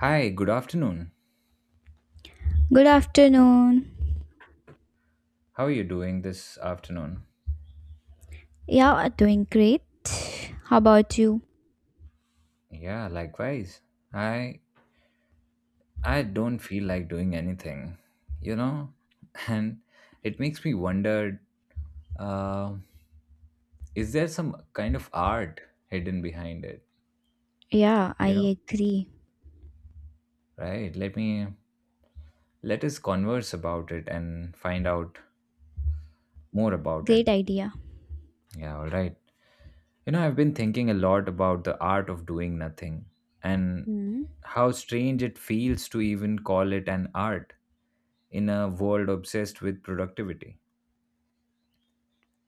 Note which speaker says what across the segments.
Speaker 1: Hi, good afternoon.
Speaker 2: Good afternoon.
Speaker 1: How are you doing this afternoon?
Speaker 2: Yeah, doing great. How about you?
Speaker 1: Yeah, likewise. I I don't feel like doing anything, you know? And it makes me wonder, uh, is there some kind of art hidden behind it?
Speaker 2: Yeah, I
Speaker 1: You know,
Speaker 2: agree.
Speaker 1: right? Let us converse about it and find out more about it.
Speaker 2: Great idea.
Speaker 1: Yeah, all right. You know, I've been thinking a lot about the art of doing nothing and
Speaker 2: Hmm.
Speaker 1: how strange it feels to even call it an art in a world obsessed with productivity.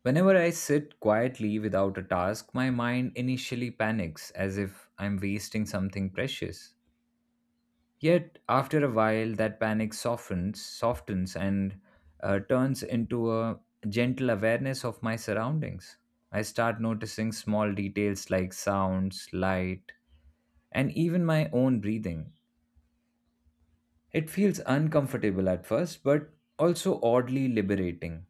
Speaker 1: Whenever I sit quietly without a task, my mind initially panics as if I'm wasting something precious. Yet, after a while, that panic softens, and turns into a gentle awareness of my surroundings. I start noticing small details like sounds, light, and even my own breathing. It feels uncomfortable at first, but also oddly liberating.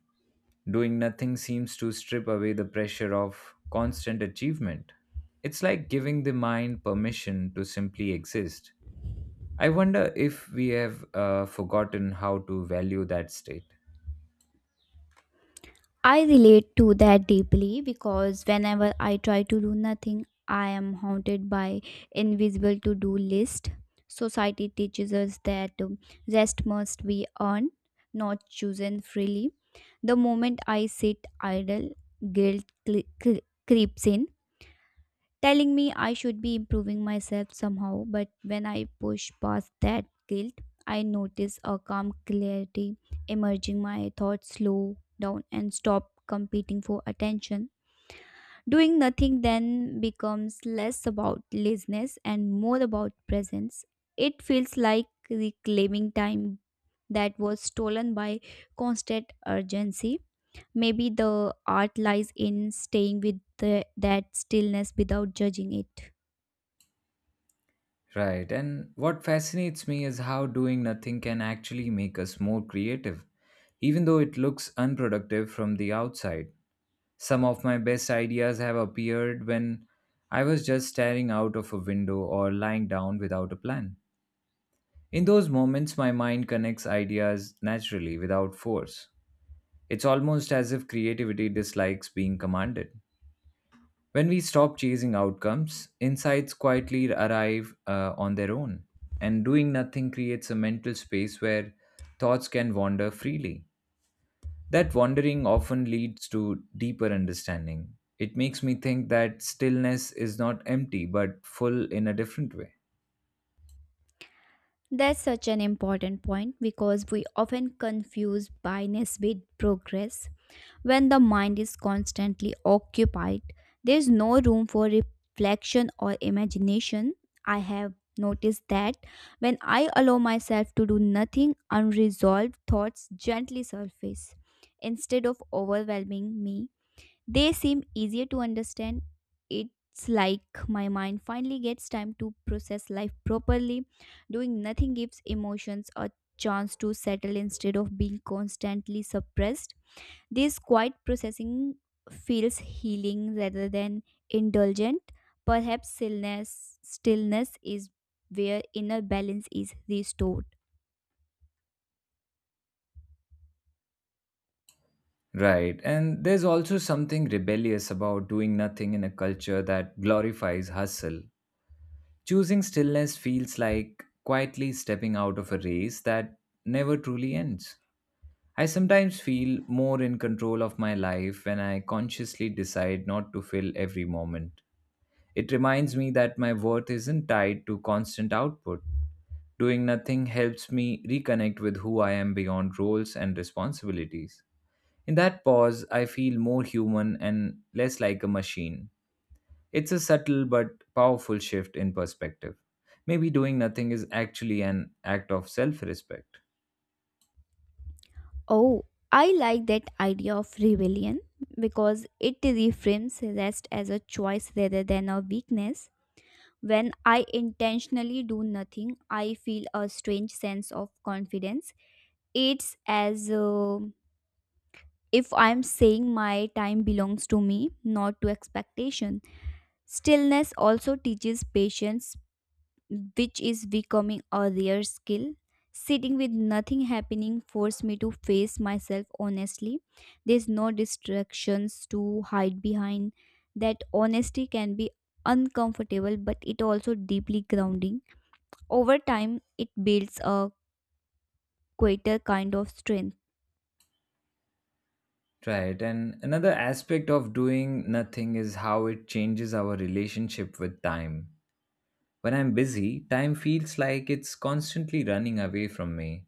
Speaker 1: Doing nothing seems to strip away the pressure of constant achievement. It's like giving the mind permission to simply exist. I wonder if we have forgotten how to value that state.
Speaker 2: I relate to that deeply because whenever I try to do nothing, I am haunted by invisible to-do list. Society teaches us that rest must be earned, not chosen freely. The moment I sit idle, guilt creeps in telling me I should be improving myself somehow. But when I push past that guilt, I notice a calm clarity emerging. My thoughts slow down and stop competing for attention. Doing nothing then becomes less about laziness and more about presence. It feels like reclaiming time that was stolen by constant urgency. Maybe the art lies in staying with that stillness without judging it.
Speaker 1: Right, and what fascinates me is how doing nothing can actually make us more creative, even though it looks unproductive from the outside. Some of my best ideas have appeared when I was just staring out of a window or lying down without a plan. In those moments, my mind connects ideas naturally without force. It's almost as if creativity dislikes being commanded. When we stop chasing outcomes, insights quietly arrive on their own, and doing nothing creates a mental space where thoughts can wander freely. That wandering often leads to deeper understanding. It makes me think that stillness is not empty but full in a different way.
Speaker 2: That's such an important point because we often confuse blindness with progress. When the mind is constantly occupied, there's no room for reflection or imagination. I have noticed that when I allow myself to do nothing, unresolved thoughts gently surface instead of overwhelming me. They seem easier to understand. It's like my mind finally gets time to process life properly. Doing nothing gives emotions a chance to settle instead of being constantly suppressed. This quiet processing feels healing rather than indulgent. Perhaps stillness is where inner balance is restored.
Speaker 1: Right. And there's also something rebellious about doing nothing in a culture that glorifies hustle. Choosing stillness feels like quietly stepping out of a race that never truly ends. I sometimes feel more in control of my life when I consciously decide not to fill every moment. It reminds me that my worth isn't tied to constant output. Doing nothing helps me reconnect with who I am beyond roles and responsibilities. In that pause, I feel more human and less like a machine. It's a subtle but powerful shift in perspective. Maybe doing nothing is actually an act of self respect.
Speaker 2: Oh, I like that idea of rebellion because it reframes rest as a choice rather than a weakness. When I intentionally do nothing, I feel a strange sense of confidence. It's as if I'm saying my time belongs to me, not to expectation. Stillness also teaches patience which is becoming a rare skill. Sitting with nothing happening forced me to face myself honestly. There's no distractions to hide behind. That honesty can be uncomfortable, but it also deeply grounding. Over time, it builds a quieter kind of strength.
Speaker 1: Right, and another aspect of doing nothing is how it changes our relationship with time. When I'm busy, time feels like it's constantly running away from me.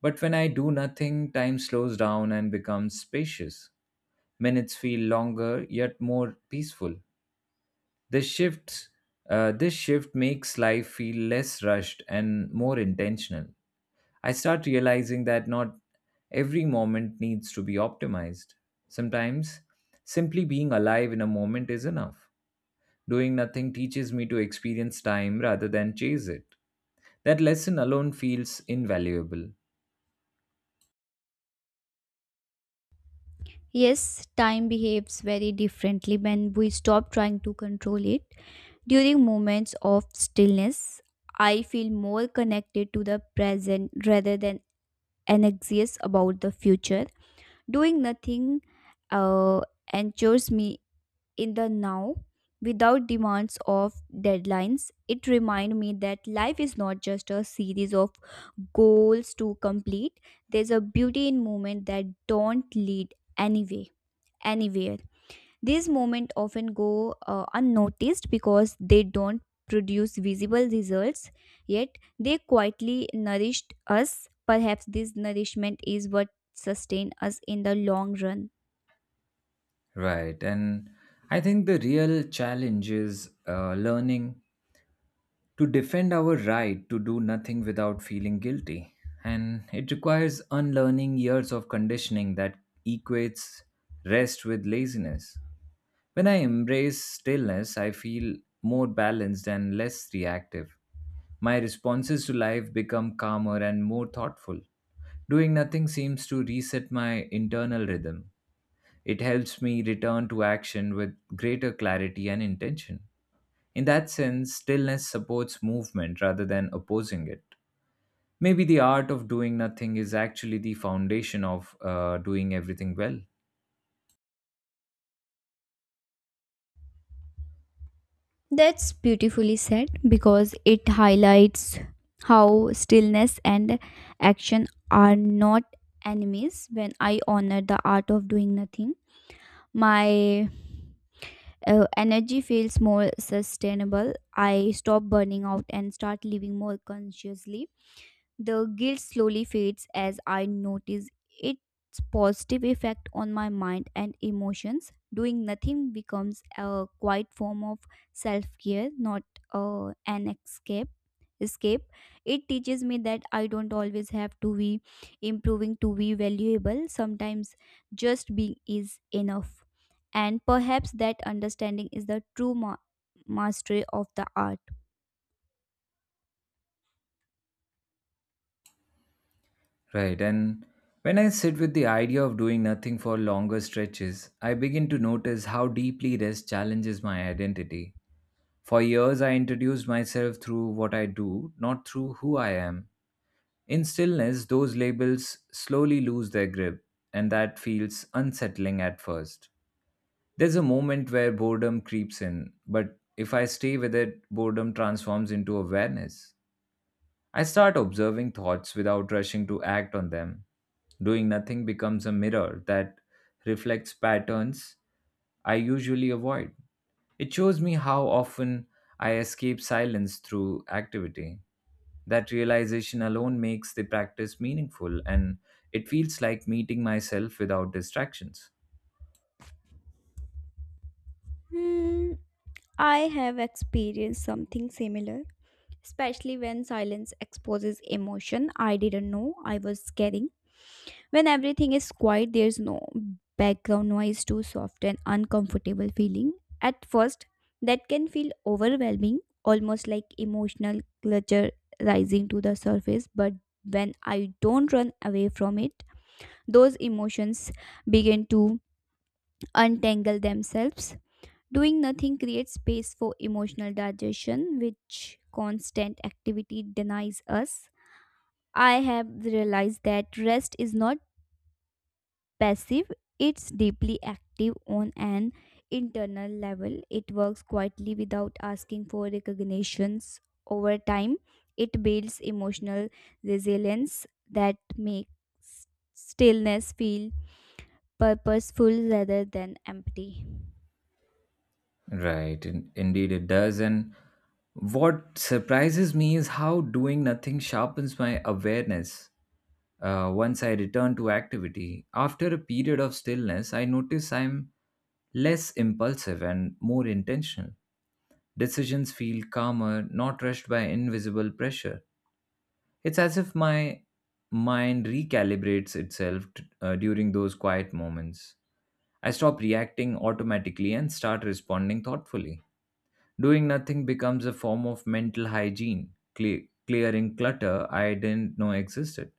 Speaker 1: But when I do nothing, time slows down and becomes spacious. Minutes feel longer, yet more peaceful. This shifts this shift makes life feel less rushed and more intentional. I start realizing that not every moment needs to be optimized. Sometimes simply being alive in a moment is enough. Doing nothing teaches me to experience time rather than chase it. That lesson alone feels invaluable.
Speaker 2: Yes, time behaves very differently when we stop trying to control it. During moments of stillness, I feel more connected to the present rather than anxious about the future. Doing nothing uh, anchors me in the now without demands of deadlines. It reminds me that life is not just a series of goals to complete. There's a beauty in moments that don't anywhere. These moments often go unnoticed because they don't produce visible results, yet they quietly nourished us. Perhaps this nourishment is what sustains us in the long run.
Speaker 1: Right, and I think the real challenge is learning to defend our right to do nothing without feeling guilty. And it requires unlearning years of conditioning that equates rest with laziness. When I embrace stillness, I feel more balanced and less reactive. My responses to life become calmer and more thoughtful. Doing nothing seems to reset my internal rhythm. It helps me return to action with greater clarity and intention. In that sense, stillness supports movement rather than opposing it. Maybe the art of doing nothing is actually the foundation of doing everything well.
Speaker 2: That's beautifully said because it highlights how stillness and action are not enemies when I honor the art of doing nothing. My energy feels more sustainable. I stop burning out and start living more consciously. The guilt slowly fades as I notice its positive effect on my mind and emotions. Doing nothing becomes a quiet form of self care, not an escape. It teaches me that I don't always have to be improving to be valuable. Sometimes just being is enough, and perhaps that understanding is the true mastery of the art.
Speaker 1: Right, and when I sit with the idea of doing nothing for longer stretches, I begin to notice how deeply rest challenges my identity. For years, I introduced myself through what I do, not through who I am. In stillness, those labels slowly lose their grip, and that feels unsettling at first. There's a moment where boredom creeps in, but if I stay with it, boredom transforms into awareness. I start observing thoughts without rushing to act on them. Doing nothing becomes a mirror that reflects patterns I usually avoid. It shows me how often I escape silence through activity. That realization alone makes the practice meaningful, and it feels like meeting myself without distractions.
Speaker 2: Hmm, I have experienced something similar, especially when silence exposes emotion I didn't know I was carrying. When everything is quiet, there's no background noise to soften uncomfortable feeling. At first, that can feel overwhelming, almost like emotional clutter rising to the surface, but when I don't run away from it, those emotions begin to untangle themselves. Doing nothing creates space for emotional digestion, which constant activity denies us. I have realized that rest is not passive, it's deeply active on an internal level. It works quietly without asking for recognitions. Over time, it builds emotional resilience that makes stillness feel purposeful rather than empty.
Speaker 1: Right, indeed it does. And what surprises me is how doing nothing sharpens my awareness. Once I return to activity, after a period of stillness, I notice I'm less impulsive and more intentional. Decisions feel calmer, not rushed by invisible pressure. It's as if my mind recalibrates itself during those quiet moments. I stop reacting automatically and start responding thoughtfully. Doing nothing becomes a form of mental hygiene, clearing clutter I didn't know existed.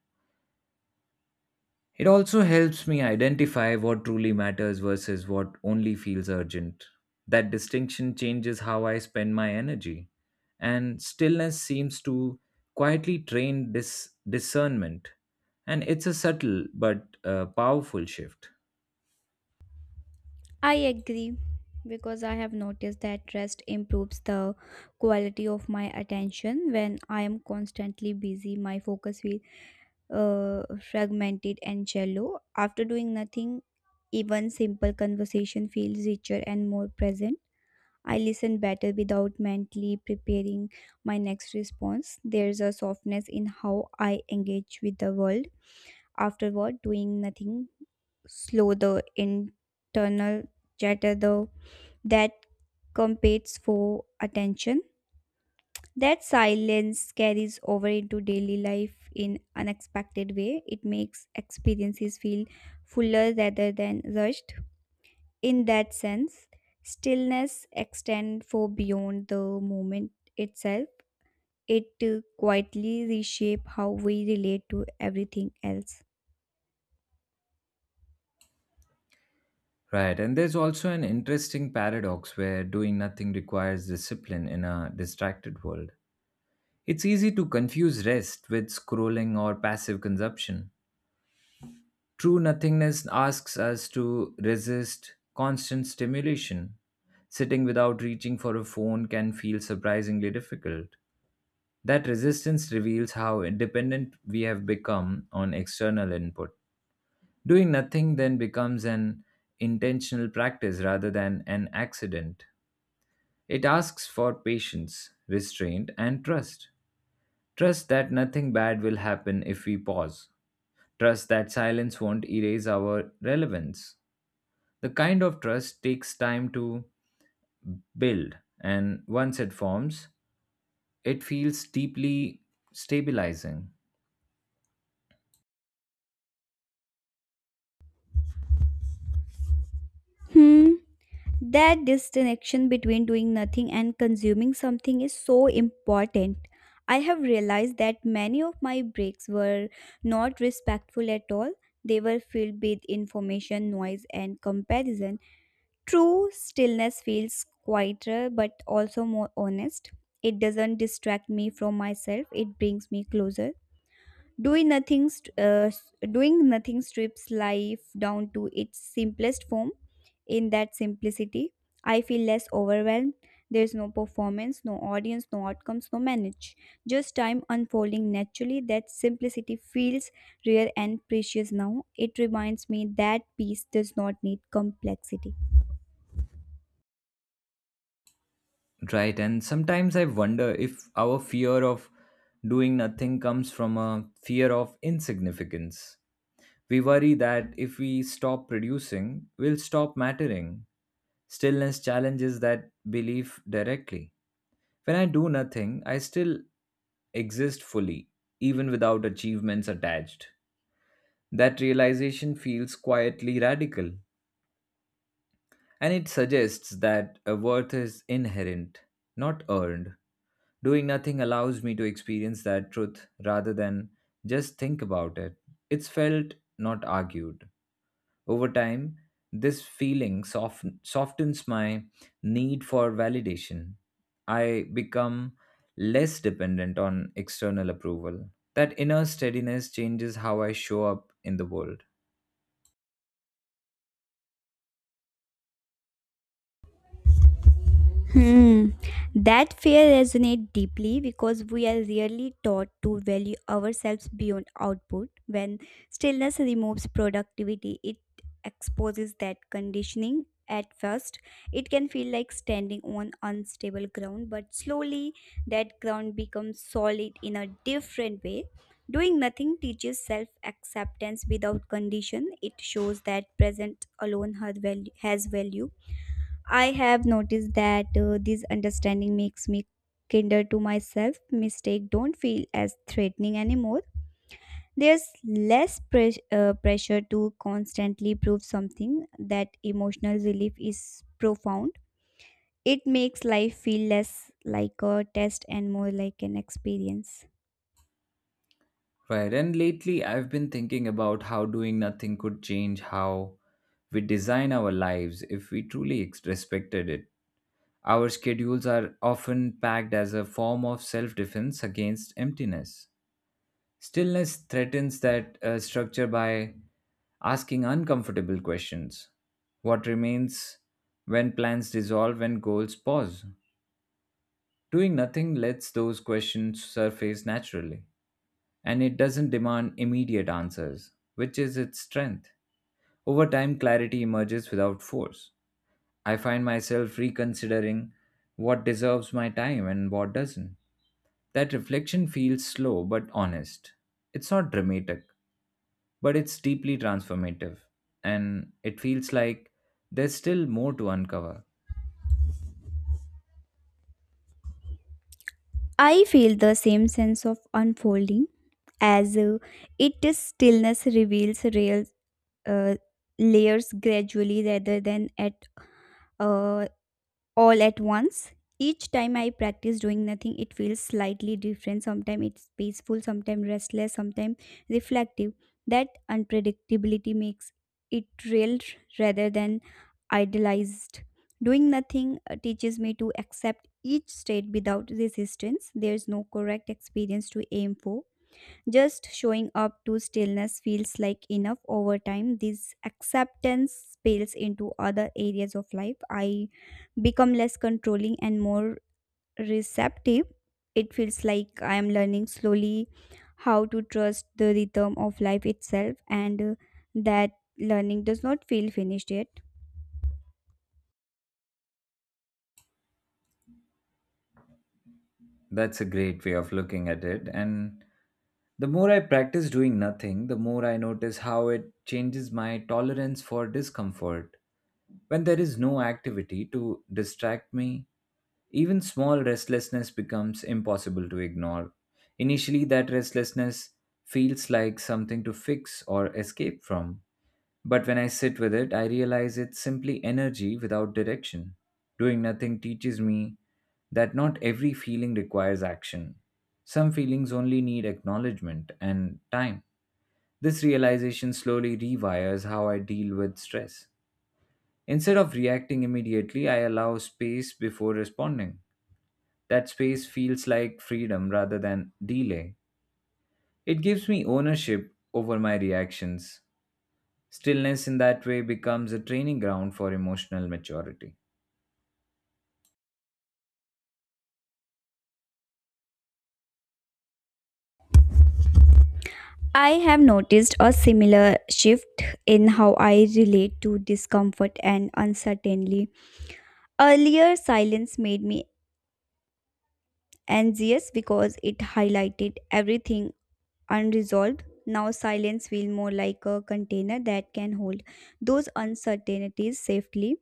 Speaker 1: It also helps me identify what truly matters versus what only feels urgent. That distinction changes how I spend my energy, and stillness seems to quietly train this discernment. And it's a subtle but powerful shift.
Speaker 2: I agree because I have noticed that rest improves the quality of my attention. When I am constantly busy, my focus feels uh, fragmented and shallow. After doing nothing, even simple conversation feels richer and more present. I listen better without mentally preparing my next response. There's a softness in how I engage with the world. Afterward, doing nothing slow the internal chatter though that competes for attention. That silence carries over into daily life in unexpected way. It makes experiences feel fuller rather than rushed. In that sense, stillness extends for beyond the moment itself. It quietly reshape how we relate to everything else.
Speaker 1: Right, and there's also an interesting paradox where doing nothing requires discipline in a distracted world. It's easy to confuse rest with scrolling or passive consumption. True nothingness asks us to resist constant stimulation. Sitting without reaching for a phone can feel surprisingly difficult. That resistance reveals how dependent we have become on external input. Doing nothing then becomes an intentional practice rather than an accident. It asks for patience, restraint, and trust. Trust that nothing bad will happen if we pause. Trust that silence won't erase our relevance. The kind of trust takes time to build, and once it forms, it feels deeply stabilizing.
Speaker 2: Hmm. That disconnection between doing nothing and consuming something is so important. I have realized that many of my breaks were not respectful at all. They were filled with information, noise, and comparison. True stillness feels quieter but also more honest. It doesn't distract me from myself, it brings me closer. Doing nothing strips life down to its simplest form. In that simplicity, I feel less overwhelmed. There's no performance, no audience, no outcomes, no manage. Just time unfolding naturally. That simplicity feels rare and precious now. It reminds me that peace does not need complexity.
Speaker 1: Right, and sometimes I wonder if our fear of doing nothing comes from a fear of insignificance. We worry that if we stop producing, we'll stop mattering. Stillness challenges that belief directly. When I do nothing, I still exist fully, even without achievements attached. That realization feels quietly radical, and it suggests that a worth is inherent, not earned. Doing nothing allows me to experience that truth rather than just think about it. It's felt, not argued. Over time, this feeling softens my need for validation. I become less dependent on external approval. That inner steadiness changes how I show up in the world.
Speaker 2: Hmm. That fear resonates deeply because we are really taught to value ourselves beyond output. When stillness removes productivity, it exposes that conditioning. At first, it can feel like standing on unstable ground, but slowly that ground becomes solid in a different way. Doing nothing teaches self acceptance without condition. It shows that present alone has value. I have noticed that this understanding makes me kinder to myself. Mistake don't feel as threatening anymore. There's less pressure to constantly prove something. That emotional relief is profound. It makes life feel less like a test and more like an experience.
Speaker 1: Right, and lately I've been thinking about how doing nothing could change how we design our lives if we truly respected it. Our schedules are often packed as a form of self defense against emptiness. Stillness threatens that structure by asking uncomfortable questions. What remains when plans dissolve and goals pause? Doing nothing lets those questions surface naturally, and it doesn't demand immediate answers, which is its strength. Over time, clarity emerges without force. I find myself reconsidering what deserves my time and what doesn't. That reflection feels slow but honest. It's not dramatic, but it's deeply transformative, and it feels like there's still more to uncover.
Speaker 2: I feel the same sense of unfolding as it is stillness reveals real uh, layers gradually rather than at a all at once. Each time I practice doing nothing, it feels slightly different. Sometimes it's peaceful, sometimes restless, sometimes reflective. That unpredictability makes it real rather than idealized. Doing nothing teaches me to accept each state without resistance. There's no correct experience to aim for. Just showing up to stillness feels like enough over time. This acceptance spills into other areas of life. I become less controlling and more receptive. It feels like I am learning slowly how to trust the rhythm of life itself, and that learning does not feel finished yet.
Speaker 1: That's a great way of looking at it. And the more I practice doing nothing, the more I notice how it changes my tolerance for discomfort. When there is no activity to distract me, even small restlessness becomes impossible to ignore. Initially, that restlessness feels like something to fix or escape from. But when I sit with it, I realize it's simply energy without direction. Doing nothing teaches me that not every feeling requires action. Some feelings only need acknowledgement and time. This realization slowly rewires how I deal with stress. Instead of reacting immediately, I allow space before responding. That space feels like freedom rather than delay. It gives me ownership over my reactions. Stillness in that way becomes a training ground for emotional maturity.
Speaker 2: I have noticed a similar shift in how I relate to discomfort and uncertainty. Earlier, silence made me anxious because it highlighted everything unresolved. Now silence feels more like a container that can hold those uncertainties safely.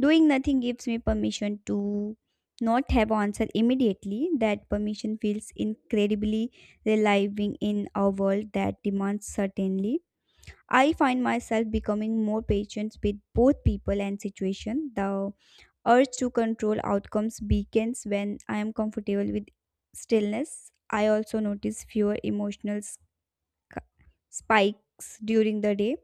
Speaker 2: Doing nothing gives me permission to not have answer immediately. That permission feels incredibly relieving in a world that demands certainty. I find myself becoming more patient with both people and situation. The urge to control outcomes weakens when I am comfortable with stillness. I also notice fewer emotional spikes during the day.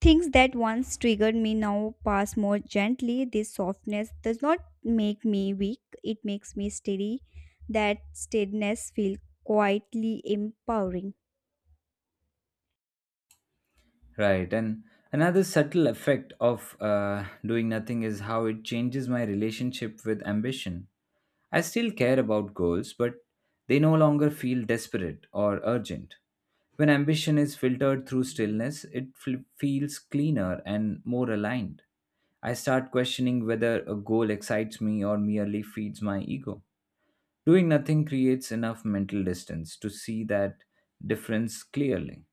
Speaker 2: Things that once triggered me now pass more gently. This softness does not make me weak, it makes me steady. That steadiness feels quietly empowering.
Speaker 1: Right. And another subtle effect of doing nothing is how it changes my relationship with ambition. I still care about goals, but they no longer feel desperate or urgent. When ambition is filtered through stillness, it feels cleaner and more aligned. I start questioning whether a goal excites me or merely feeds my ego. Doing nothing creates enough mental distance to see that difference clearly.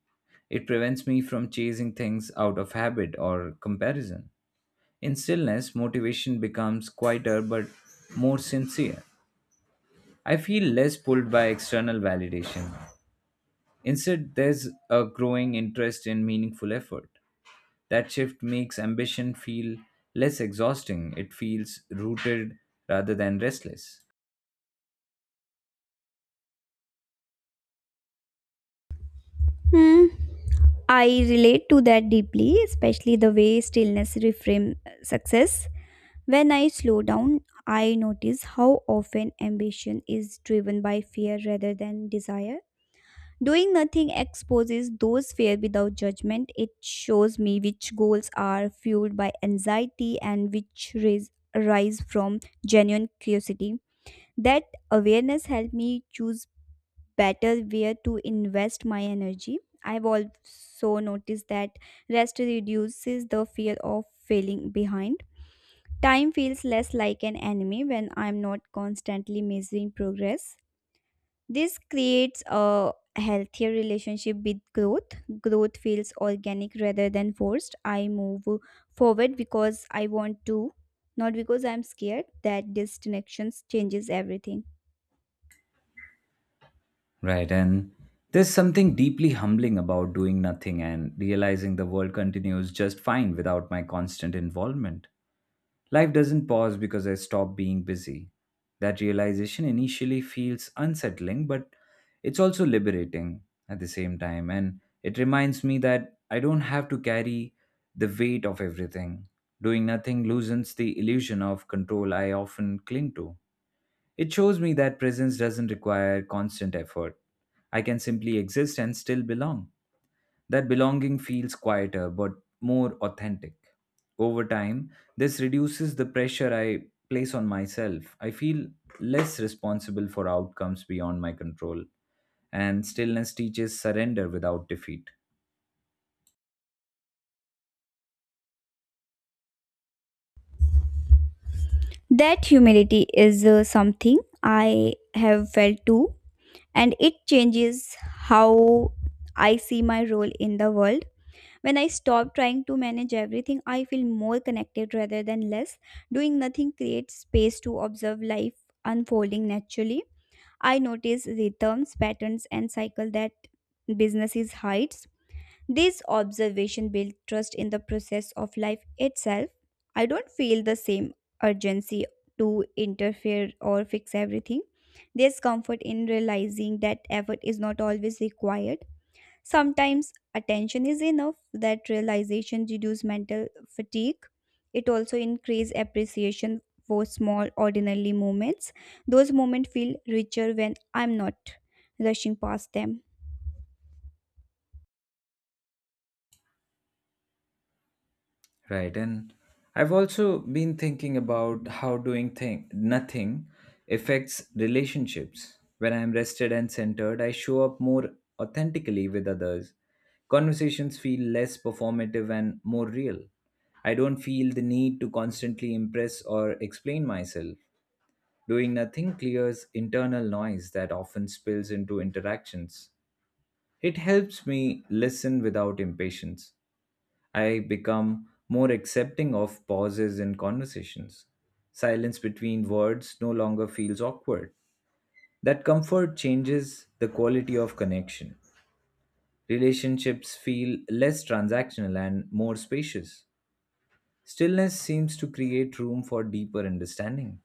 Speaker 1: It prevents me from chasing things out of habit or comparison. In stillness, motivation becomes quieter but more sincere. I feel less pulled by external validation. Instead, there's a growing interest in meaningful effort. That shift makes ambition feel less exhausting. It feels rooted rather than restless.
Speaker 2: Hmm. I relate to that deeply, especially the way stillness reframes success. When I slow down, I notice how often ambition is driven by fear rather than desire. Doing nothing exposes those fear without judgment. It shows me which goals are fueled by anxiety and which arise from genuine curiosity. That awareness helped me choose better where to invest my energy. I've also noticed that rest reduces the fear of failing behind. Time feels less like an enemy when I'm not constantly measuring progress. This creates a healthier relationship with growth. Growth feels organic rather than forced. I move forward because I want to, not because I'm scared that disconnection changes everything.
Speaker 1: Right. And there's something deeply humbling about doing nothing and realizing the world continues just fine without my constant involvement. Life doesn't pause because I stop being busy. That realization initially feels unsettling, but it's also liberating at the same time. And it reminds me that I don't have to carry the weight of everything. Doing nothing loosens the illusion of control I often cling to. It shows me that presence doesn't require constant effort. I can simply exist and still belong. That belonging feels quieter but more authentic. Over time, this reduces the pressure I place on myself. I feel less responsible for outcomes beyond my control, and stillness teaches surrender without defeat.
Speaker 2: That humility is something I have felt too, and it changes how I see my role in the world. When I stop trying to manage everything, I feel more connected rather than less. Doing nothing creates space to observe life unfolding naturally. I notice rhythms, patterns, and cycle that businesses hides. This observation builds trust in the process of life itself. I don't feel the same urgency to interfere or fix everything. There's comfort in realizing that effort is not always required. Sometimes attention is enough. That realization reduce mental fatigue. It also increase appreciation for small ordinary moments. Those moments feel richer when I'm not rushing past them.
Speaker 1: Right. And I've also been thinking about how doing thing nothing affects relationships. When I'm rested and centered, I show up more authentically with others. Conversations feel less performative and more real. I don't feel the need to constantly impress or explain myself. Doing nothing clears internal noise that often spills into interactions. It helps me listen without impatience. I become more accepting of pauses in conversations. Silence between words no longer feels awkward. That comfort changes the quality of connection. Relationships feel less transactional and more spacious. Stillness seems to create room for deeper understanding.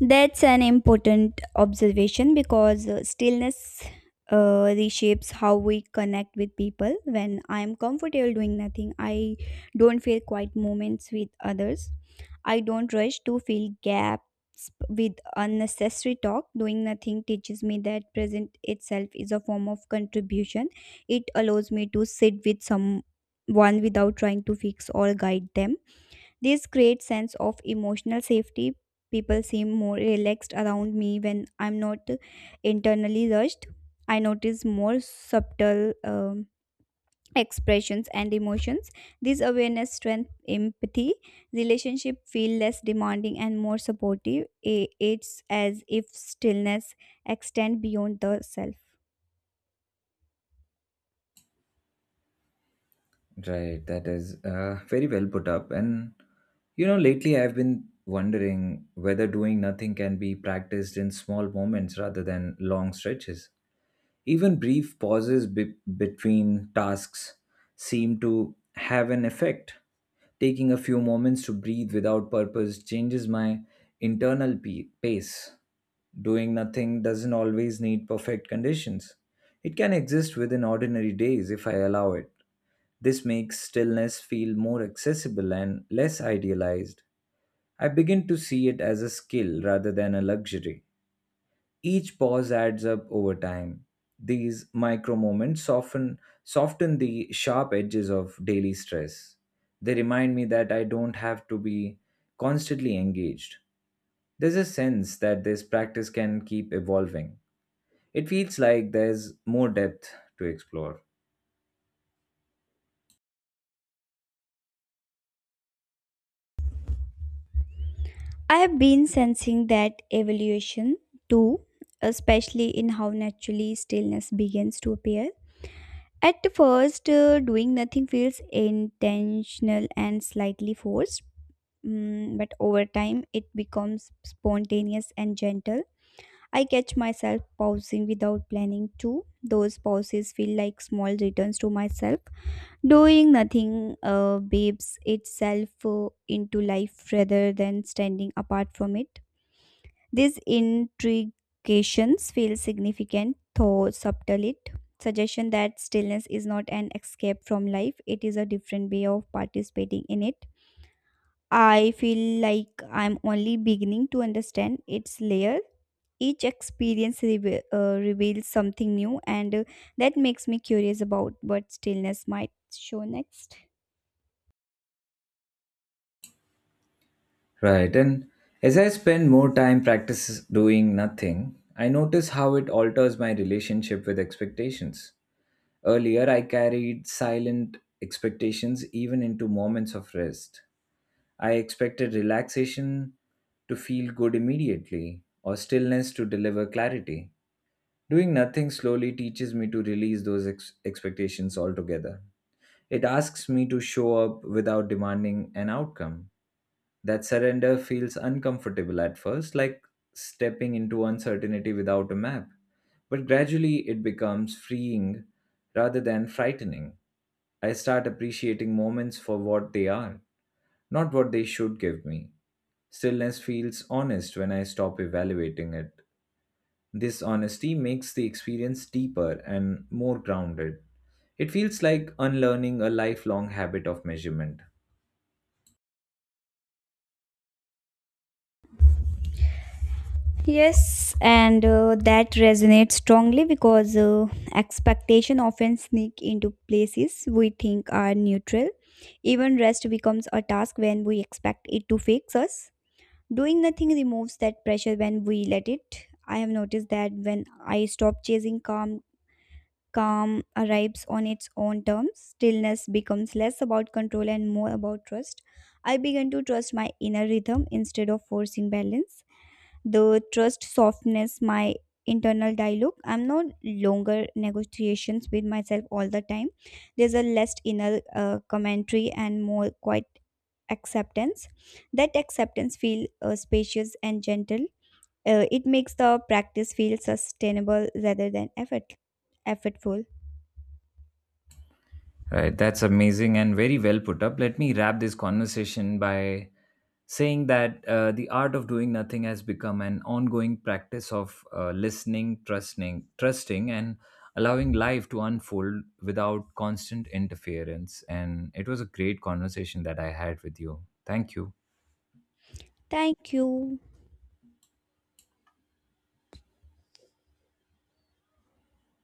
Speaker 2: That's an important observation because stillness reshapes how we connect with people. When I'm comfortable doing nothing, I don't feel quiet moments with others. I don't rush to fill gaps with unnecessary talk. Doing nothing teaches me that present itself is a form of contribution. It allows me to sit with someone without trying to fix or guide them. This creates sense of emotional safety. People seem more relaxed around me when I'm not internally rushed. I notice more subtle expressions and emotions. This awareness strength empathy. Relationship feel less demanding and more supportive. It's as if stillness extend beyond the self.
Speaker 1: Right, that is very well put up. And you know, lately I've been wondering whether doing nothing can be practiced in small moments rather than long stretches. Even brief pauses between tasks seem to have an effect. Taking a few moments to breathe without purpose changes my internal pace. Doing nothing doesn't always need perfect conditions. It can exist within ordinary days if I allow it. This makes stillness feel more accessible and less idealized. I begin to see it as a skill rather than a luxury. Each pause adds up over time. These micro moments soften the sharp edges of daily stress. They remind me that I don't have to be constantly engaged. There's a sense that this practice can keep evolving. It feels like there's more depth to explore.
Speaker 2: I have been sensing that evolution too, especially in how naturally stillness begins to appear. At first doing nothing feels intentional and slightly forced. But over time it becomes spontaneous and gentle. I catch myself pausing without planning to. Those pauses feel like small returns to myself. Doing nothing babes itself into life rather than standing apart from it. These intrications feel significant, though subtle it. Suggestion that stillness is not an escape from life, it is a different way of participating in it. I feel like I'm only beginning to understand its layer. Each experience reveals something new, and that makes me curious about what stillness might show next.
Speaker 1: Right. And as I spend more time practice doing nothing, I notice how it alters my relationship with expectations. Earlier, I carried silent expectations even into moments of rest. I expected relaxation to feel good immediately or stillness to deliver clarity. Doing nothing slowly teaches me to release those expectations altogether. It asks me to show up without demanding an outcome. That surrender feels uncomfortable at first, like stepping into uncertainty without a map. But gradually it becomes freeing rather than frightening. I start appreciating moments for what they are, not what they should give me. Stillness feels honest when I stop evaluating it. This honesty makes the experience deeper and more grounded. It feels like unlearning a lifelong habit of measurement.
Speaker 2: Yes, and that resonates strongly because expectation often sneak into places we think are neutral. Even rest becomes a task when we expect it to fix us. Doing nothing removes that pressure when we let it. I have noticed that when I stop chasing calm, calm arrives on its own terms. Stillness becomes less about control and more about trust. I began to trust my inner rhythm instead of forcing balance. The trust softness, my internal dialogue. I'm no longer negotiations with myself all the time. There's a less inner commentary and more quiet acceptance. That acceptance feel spacious and gentle. It makes the practice feel sustainable rather than effortful.
Speaker 1: Right, that's amazing and very well put up. Let me wrap this conversation by saying that the art of doing nothing has become an ongoing practice of listening, trusting, and allowing life to unfold without constant interference. And it was a great conversation that I had with you. Thank you.
Speaker 2: Thank you.